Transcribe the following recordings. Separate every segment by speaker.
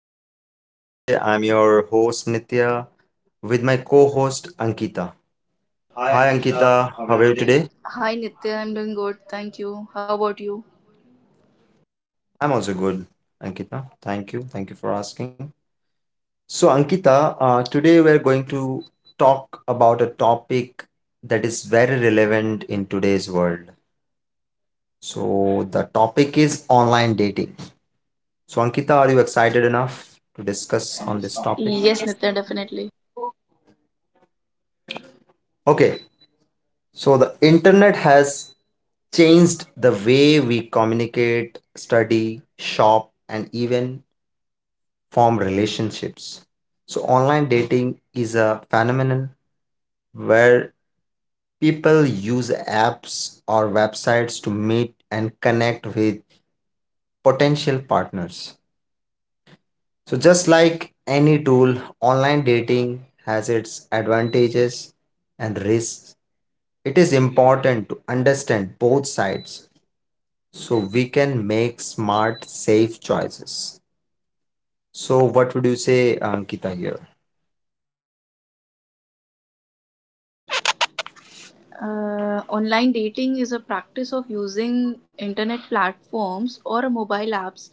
Speaker 1: back to my show. Today I'm your host Nitya with my co-host Ankita.
Speaker 2: Hi
Speaker 1: Hi
Speaker 2: Ankita,
Speaker 1: Ankita,
Speaker 2: how are
Speaker 1: how
Speaker 2: you
Speaker 1: are you
Speaker 2: today?
Speaker 1: today?
Speaker 2: Hi Nitya, I'm doing good. Thank you. How about you?
Speaker 1: I'm also good, Ankita. Thank you. Thank you for asking. So Ankita, today we're going to talk about a topic that is very relevant in today's world. So the topic is online dating. So Ankita, are you excited enough to discuss
Speaker 2: On
Speaker 1: on
Speaker 2: this
Speaker 1: this
Speaker 2: topic.
Speaker 1: topic?
Speaker 2: Yes, Nitya, definitely.
Speaker 1: Okay, so the internet has changed the way we communicate, study, shop, and even form relationships. So, online dating is a phenomenon where people use apps or websites to meet and connect with potential partners. So, just like any tool, online dating has its advantages and risks. It is important to understand both sides so we can make smart, safe choices. So, what would you say, Ankita, here?
Speaker 2: Yes, Nitya, very well said. Online dating is a practice of using internet platforms or mobile apps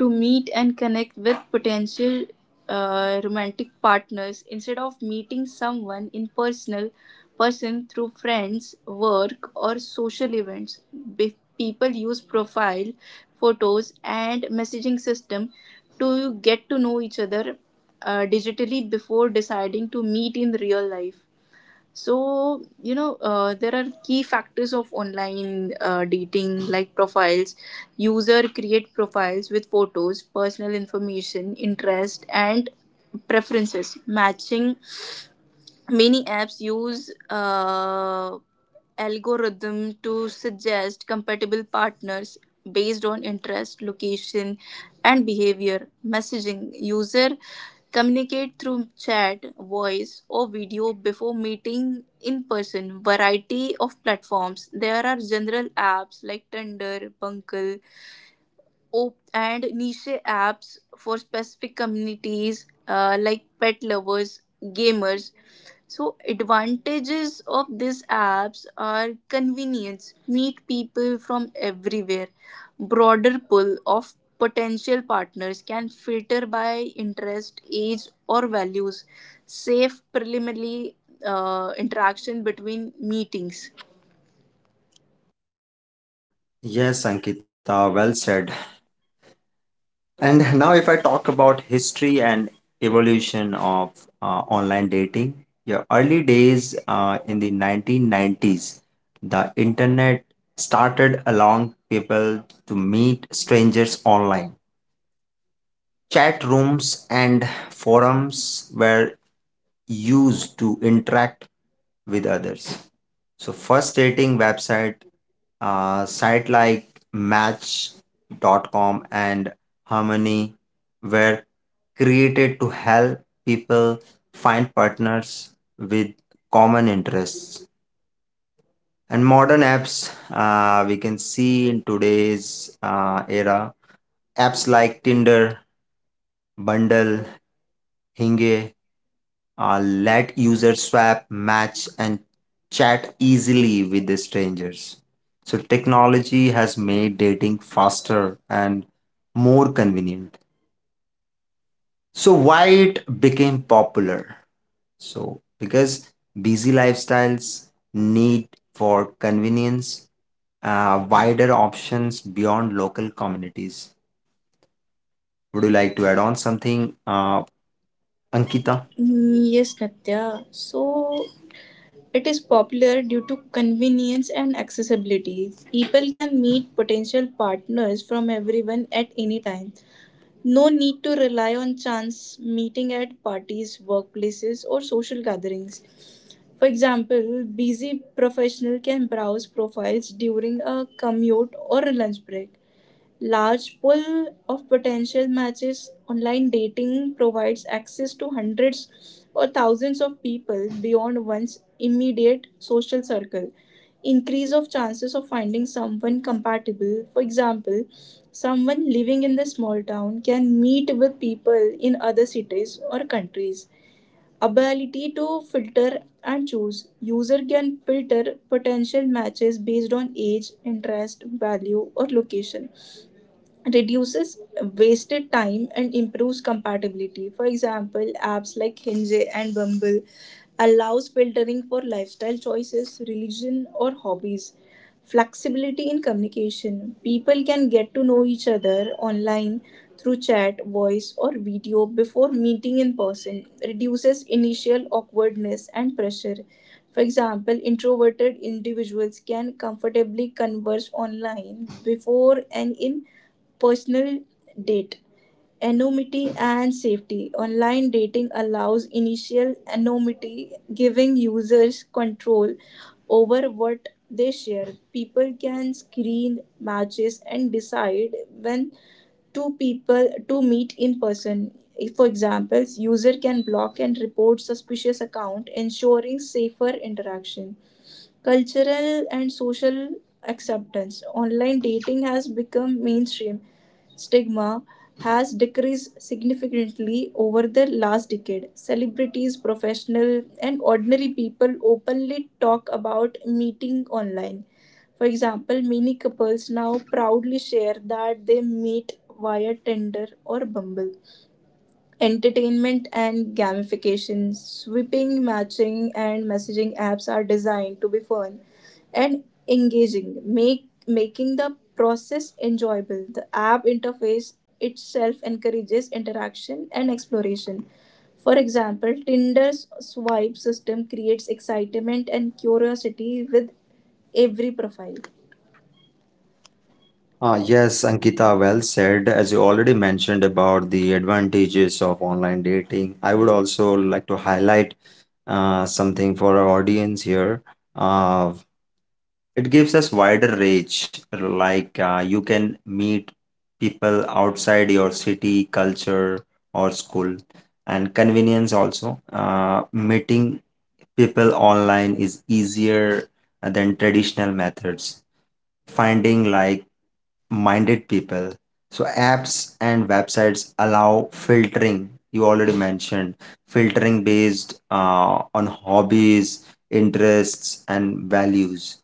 Speaker 2: to meet and connect with potential romantic partners instead of meeting someone in personal person through friends, work, or social events. People use profile photos and messaging system to get to know each other digitally before deciding to meet in real life. There are key factors of online dating like profiles. User create profiles with photos, personal information, interest and preferences. Matching: many apps use algorithm to suggest compatible partners based on interest, location, and behavior. Messaging: user communicate through chat, voice, or video before meeting in person. Variety of platforms. There are general apps like Tinder, Bunkle, and niche apps for specific communities like pet lovers, gamers. So advantages of these apps are convenience, meet people from everywhere, broader pool of potential partners, can filter by interest, age or values, safe preliminary interaction between meetings.
Speaker 1: Yes, Ankita, well said. And now, if I talk about history and evolution of uh, online dating, your early days in the 1990s, the internet started allowing people to meet strangers online. Chat rooms and forums were used to interact with others. So first rating website site like Match.com and harmony were created to help people find partners with common interests, and modern apps we can see in today's era. Apps like tinder, bundle, hinge, let users swap, match, and chat easily with the strangers. So, technology has made dating faster and more convenient. So, why it became popular? So, because busy lifestyles, need for convenience, wider options beyond local communities. Would you like to add on something, Ankita?
Speaker 2: Mm, yes, Natya. So it is popular due to convenience and accessibility. People can meet potential partners from everyone at any time. No need to rely on chance meeting at parties, workplaces, or social gatherings. For example, busy professional can browse profiles during a commute or a lunch break. Large pool of potential matches, online dating provides access to hundreds or thousands of people beyond one's immediate social circle, increase of chances of finding someone compatible. For example, someone living in the small town can meet with people in other cities or countries. Ability to filter and choose. User can filter potential matches based on age, interest, value, or location, reduces wasted time and improves compatibility. For example, apps like Hinge and Bumble allows filtering for lifestyle choices, religion or hobbies. Flexibility in communication. People can get to know each other online through chat, voice or video before meeting in person. Reduces initial awkwardness and pressure. For example, introverted individuals can comfortably converse online before and in personal date. Anonymity and safety. Online dating allows initial anonymity, giving users control over what they share. People can screen matches and decide when two people to meet in person. For example, user can block and report suspicious account, ensuring safer interaction. Cultural and social acceptance. Online dating has become mainstream. Stigma has decreased significantly over the last decade. Celebrities, professional and ordinary people openly talk about meeting online. For example, many couples now proudly share that they meet via Tinder or Bumble. Entertainment and gamification, sweeping, matching, and messaging apps are designed to be fun and engaging, make making the process enjoyable. The app interface itself encourages interaction and exploration. For example, Tinder's swipe system creates excitement and curiosity with every profile.
Speaker 1: Ah, yes, Ankita, well said. As you already mentioned about the advantages of online dating, I would also like to highlight something for our audience here. Uh, it gives us wider range, like you can meet people outside your city, culture, or school, and convenience also. Meeting people online is easier than traditional methods. Finding like minded people. So apps and websites allow filtering. You already mentioned filtering based on hobbies, interests, and values.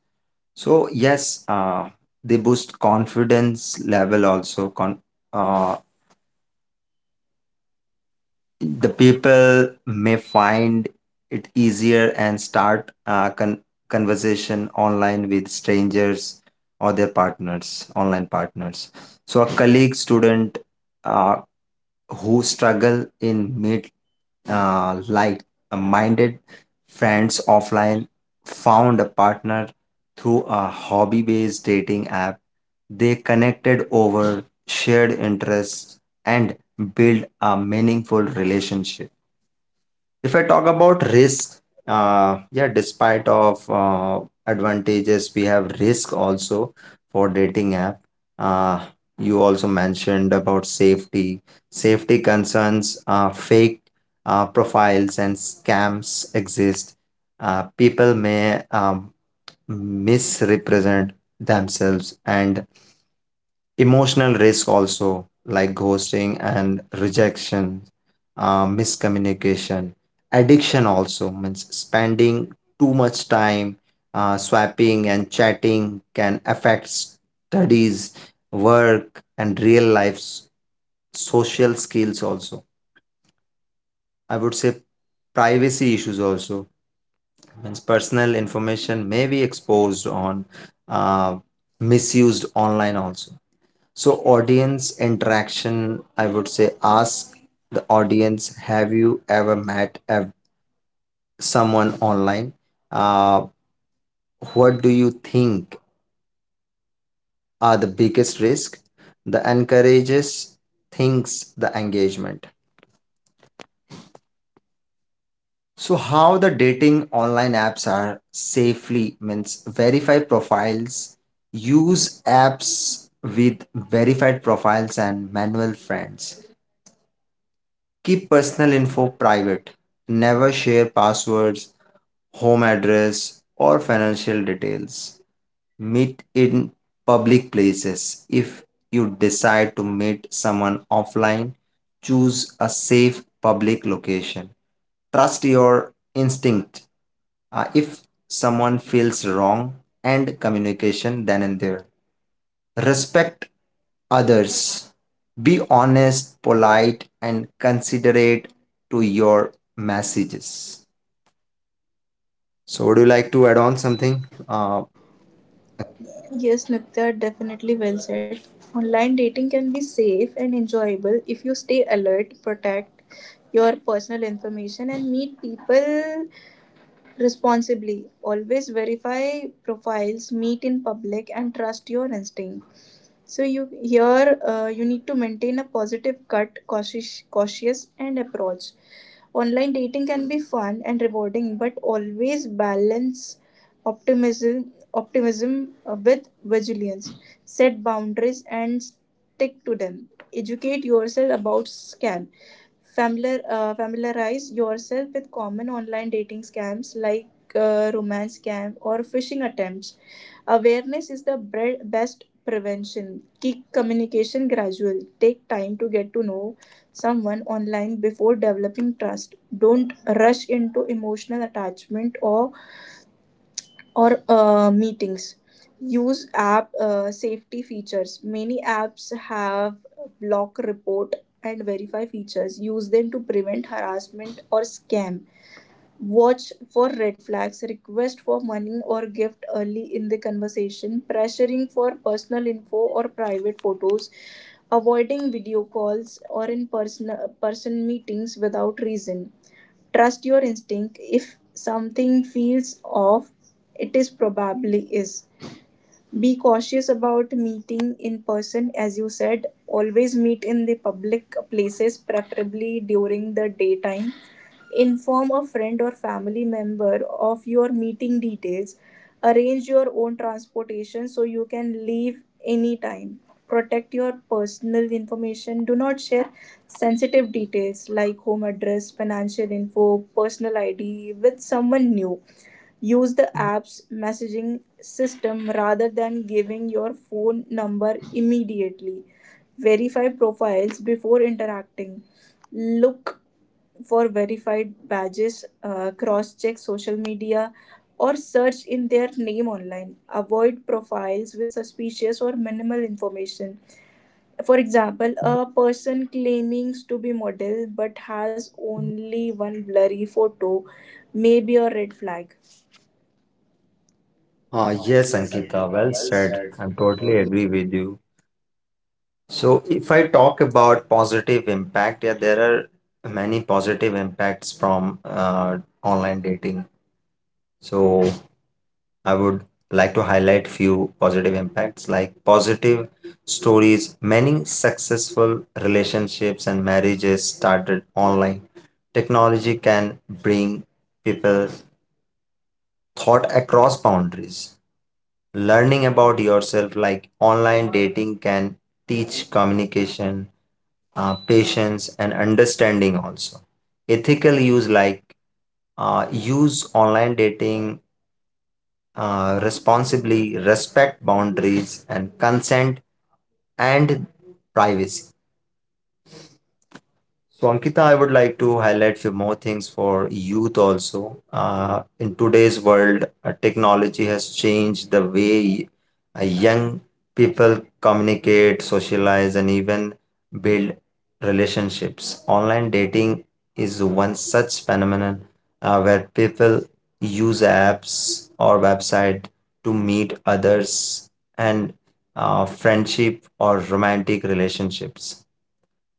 Speaker 1: So yes, they boost confidence level also. Uh, the people may find it easier and start a conversation online with strangers or their partners, online partners. So a colleague student uh, who struggle in meet like minded friends offline found a partner through a hobby based dating app. They connected over shared interests and build a meaningful relationship. If I talk about risk, yeah, despite of advantages, we have risk also for dating app. uh, you also mentioned about safety. Safety concerns, fake profiles and scams exist. People may misrepresent themselves. And emotional risk also, like ghosting and rejection, miscommunication, addiction also means spending too much time swapping and chatting can affect studies, work, and real life social skills also. I would say privacy issues also means personal information may be exposed on, uh, misused online also. So, audience interaction, I would say ask the audience, have you ever met someone online? Uh, what do you think are the biggest risk? The encourages thinks the engagement. So, how the dating online apps are safely means verify profiles, use apps with verified profiles and manual friends. Keep personal info private. Never share passwords, home address, or financial details. Meet in public places. If you decide to meet someone offline, choose a safe public location. Trust your instinct. If someone feels wrong, end communication then and there. Respect others. Be honest, polite, and considerate to your messages. So, would you like to add on something?
Speaker 2: Yes, Nitya, definitely well said. Online dating can be safe and enjoyable if you stay alert, protect your personal information, and meet people responsibly. Always verify profiles, meet in public, and trust your instinct. So you here you need to maintain a positive cautious and approach. Online dating can be fun and rewarding, but always balance optimism with vigilance. Set boundaries and stick to them. Educate yourself about scam. Familiarize yourself with common online dating scams like romance scam or phishing attempts. Awareness is the best prevention. Keep communication gradual. Take time to get to know someone online before developing trust. Don't rush into emotional attachment or meetings. Use app safety features. Many apps have block, report and verify features. Use them to prevent harassment or scam. Watch for red flags, request for money or gift early in the conversation, pressuring for personal info or private photos, avoiding video calls or in person meetings without reason. Trust your instinct. If something feels off, it is probably is. Be cautious about meeting in person, as you said. Always meet in the public places, preferably during the daytime. Inform a friend or family member of your meeting details. Arrange your own transportation so you can leave anytime. Protect your personal information. Do not share sensitive details like home address, financial info, personal ID with someone new. Use the apps messaging system rather than giving your phone number immediately. Verify profiles before interacting. Look for verified badges, cross check social media, or search in their name online. Avoid profiles with suspicious or minimal information. For example, a person claiming to be model but has only one blurry photo may be a red flag.
Speaker 1: Yes,
Speaker 2: Yes,
Speaker 1: Ankita,
Speaker 2: Ankita,
Speaker 1: well
Speaker 2: well
Speaker 1: said.
Speaker 2: said.
Speaker 1: I
Speaker 2: I
Speaker 1: totally
Speaker 2: totally.
Speaker 1: agree with you. So, if I talk about positive impact, yeah, there are many positive impacts from online dating. So, I would like to highlight few positive impacts, like positive stories. Many successful relationships and marriages started online. Technology can bring people thought across boundaries. Learning about yourself, like online dating can teach communication, patience, and understanding also. Ethical use, like use online dating responsibly, respect boundaries, and consent and privacy. So, Ankita, I would like to highlight few more things for youth also. In today's world, technology has changed the way young people communicate, socialize, and even build relationships. Online dating is one such phenomenon where people use apps or website to meet others and friendship or romantic relationships.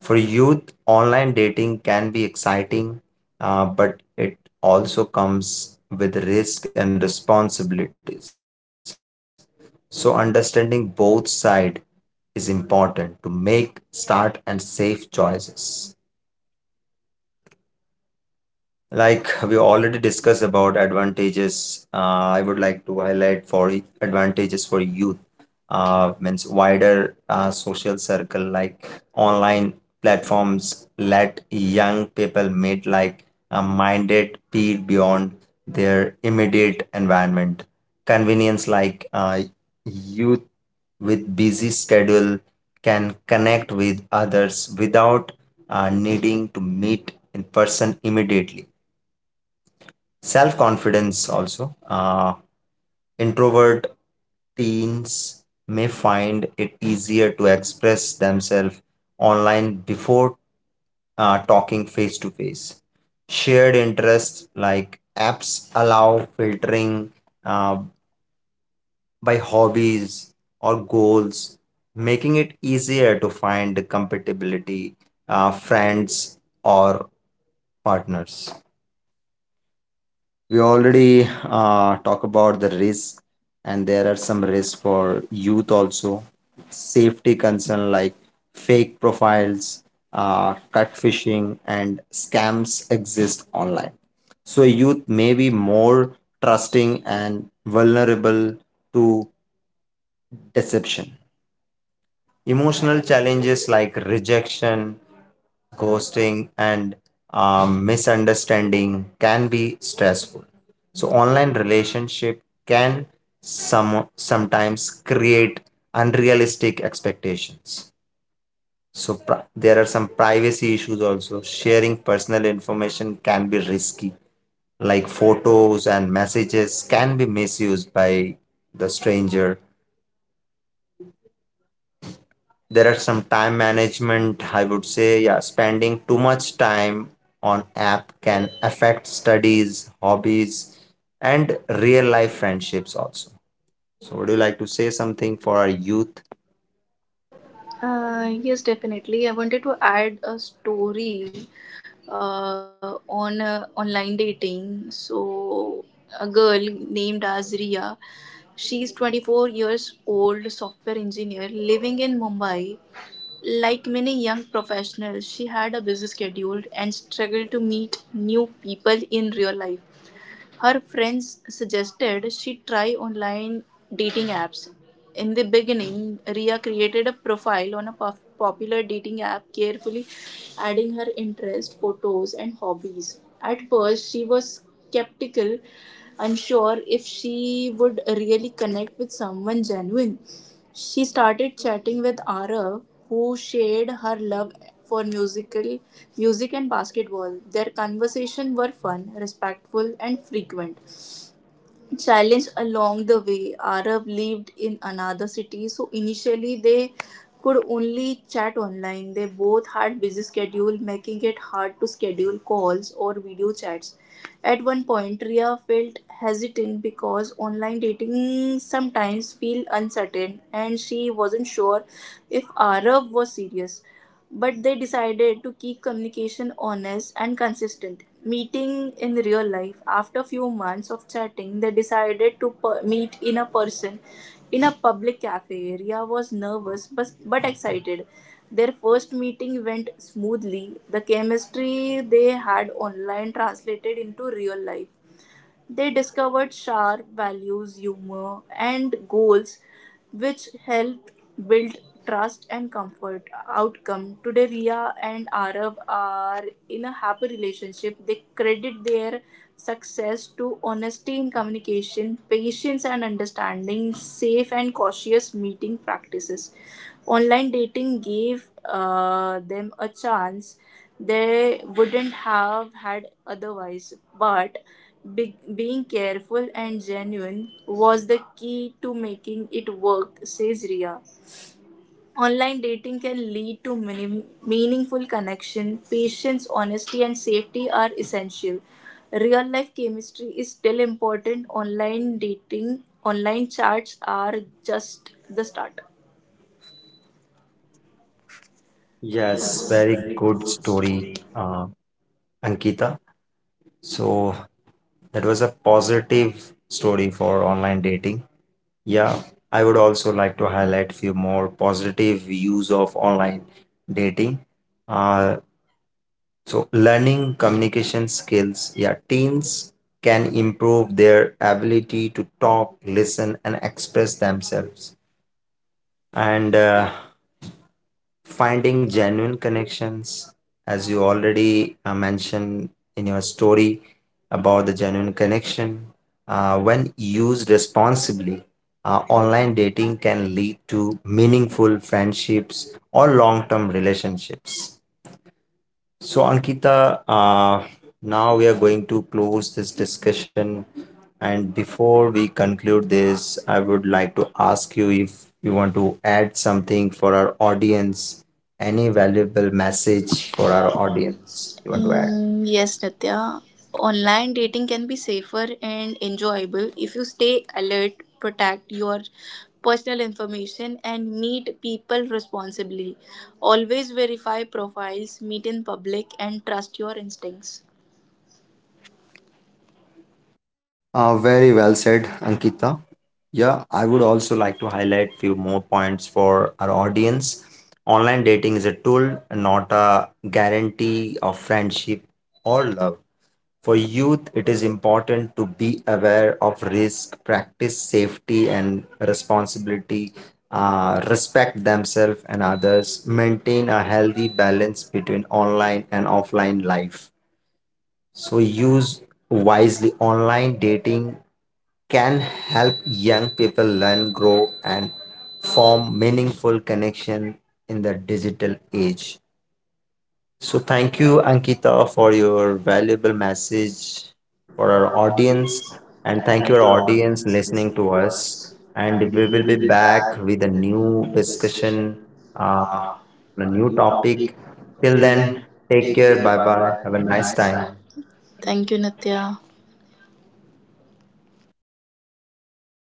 Speaker 1: For youth, online dating can be exciting, but it also comes with risk and responsibilities. So, understanding both sides is important to make start and safe choices. Like we already discussed about advantages, I would like to highlight advantages for youth. Means wider social circle, like online platforms let young people meet like a minded peer beyond their immediate environment. Convenience, like youth with busy schedule can connect with others without needing to meet in person immediately. Self confidence also. Introvert teens may find it easier to express themselves online before talking face to face. Shared interests, like apps allow filtering uh, by hobbies or goals, making it easier to find compatibility, friends, or partners. We already talk about the risk, and there are some risks for youth also. Safety concern, like fake profiles, cut and scams exist online. So youth may be more trusting and vulnerable to deception. Emotional challenges like rejection, ghosting, and misunderstanding can be stressful. So, online relationship can sometimes create unrealistic expectations. So, there are some privacy issues also. Sharing personal information can be risky, like photos and messages can be misused by the stranger. There are some time management, I would say. Yeah, spending too much time on app can affect studies, hobbies, and real life friendships also. So would you like to say something for our youth?
Speaker 2: Yes, definitely. I wanted to add a story on online dating. So, a girl named Azria, she's 24 years old, software engineer living in Mumbai. Like many young professionals, she had a busy schedule and struggled to meet new people in real life. Her friends suggested she try online dating apps. In the beginning, Ria created a profile on a popular dating app, carefully adding her interests, photos, and hobbies. At first, she was skeptical, unsure if she would really connect with someone genuine. She started chatting with Arav, who shared her love for music and basketball. Their conversations were fun, respectful, and frequent challenge along the way. Arab lived in another city, so initially they could only chat online. They both had busy schedule, making it hard to schedule calls or video chats. At one point, Ria felt hesitant because online dating sometimes feel uncertain, and she wasn't sure if Arab was serious, but they decided to keep communication honest and consistent. Meeting in real life, after few months of chatting, they decided to meet in a person in a public cafe. Ria was nervous but excited. Their first meeting went smoothly. The chemistry they had online translated into real life. They discovered sharp values, humor, and goals which helped build trust and comfort. Outcome: today, Ria and Arab are in a happy relationship. They credit their success to honesty in communication, patience and understanding, safe and cautious meeting practices. Online dating gave them a chance they wouldn't have had otherwise. But being careful and genuine was the key to making it work, says Ria. Online dating can lead to many meaningful connection. Patience, honesty, and safety are essential. Real life chemistry is still important. Online dating, online chats are just the start.
Speaker 1: Yes,
Speaker 2: Yes,
Speaker 1: very
Speaker 2: very
Speaker 1: good
Speaker 2: good
Speaker 1: story,
Speaker 2: story.
Speaker 1: uh, Ankita. So that was a positive story for online dating. Yeah, I would also like to highlight few more positive views of online dating. uh, So, learning communication skills. Yeah, teens can improve their ability to talk, listen, and express themselves. And finding genuine connections, as you already mentioned in your story about the genuine connection, when used responsibly, online dating can lead to meaningful friendships or long term relationships. So, Ankita, now we are going to close this discussion. And before we conclude this, I would like to ask you if you want to add something for our audience, any valuable
Speaker 2: Message
Speaker 1: message for
Speaker 2: for
Speaker 1: our
Speaker 2: our audience.
Speaker 1: audience you want to add.
Speaker 2: Mm, yes, Nitya. Online dating can be safer and enjoyable if you stay alert, protect your personal information, and meet people responsibly. Always verify profiles, meet in public, and trust your instincts.
Speaker 1: Very well said, Ankita. Yeah, I would also like to highlight few more points for our audience. Online dating is a tool, not a guarantee of friendship or love. For youth, it is important to be aware of risk, practice safety and responsibility, respect themselves and others, maintain a healthy balance between online and offline life. So use wisely. Online dating can help young people learn, grow, and form meaningful connection in the digital age. So thank you, Ankita, for your valuable message for
Speaker 2: For
Speaker 1: our
Speaker 2: our
Speaker 1: audience,
Speaker 2: audience.
Speaker 1: and
Speaker 2: And
Speaker 1: thank
Speaker 2: thank
Speaker 1: your
Speaker 2: you, our
Speaker 1: audience
Speaker 2: audience,
Speaker 1: listening
Speaker 2: listening
Speaker 1: to
Speaker 2: to
Speaker 1: us.
Speaker 2: us. And
Speaker 1: And
Speaker 2: we
Speaker 1: we will be
Speaker 2: will be
Speaker 1: back
Speaker 2: back
Speaker 1: with a
Speaker 2: with a
Speaker 1: new
Speaker 2: new
Speaker 1: discussion,
Speaker 2: discussion uh,
Speaker 1: on a
Speaker 2: on a
Speaker 1: new
Speaker 2: new
Speaker 1: topic.
Speaker 2: topic.
Speaker 1: Till
Speaker 2: Till
Speaker 1: then,
Speaker 2: then,
Speaker 1: take
Speaker 2: take
Speaker 1: care.
Speaker 2: care.
Speaker 1: Bye
Speaker 2: Bye
Speaker 1: bye.
Speaker 2: bye.
Speaker 1: Have a
Speaker 2: Have a
Speaker 1: nice
Speaker 2: nice
Speaker 1: time.
Speaker 2: time. Thank you, Nitya.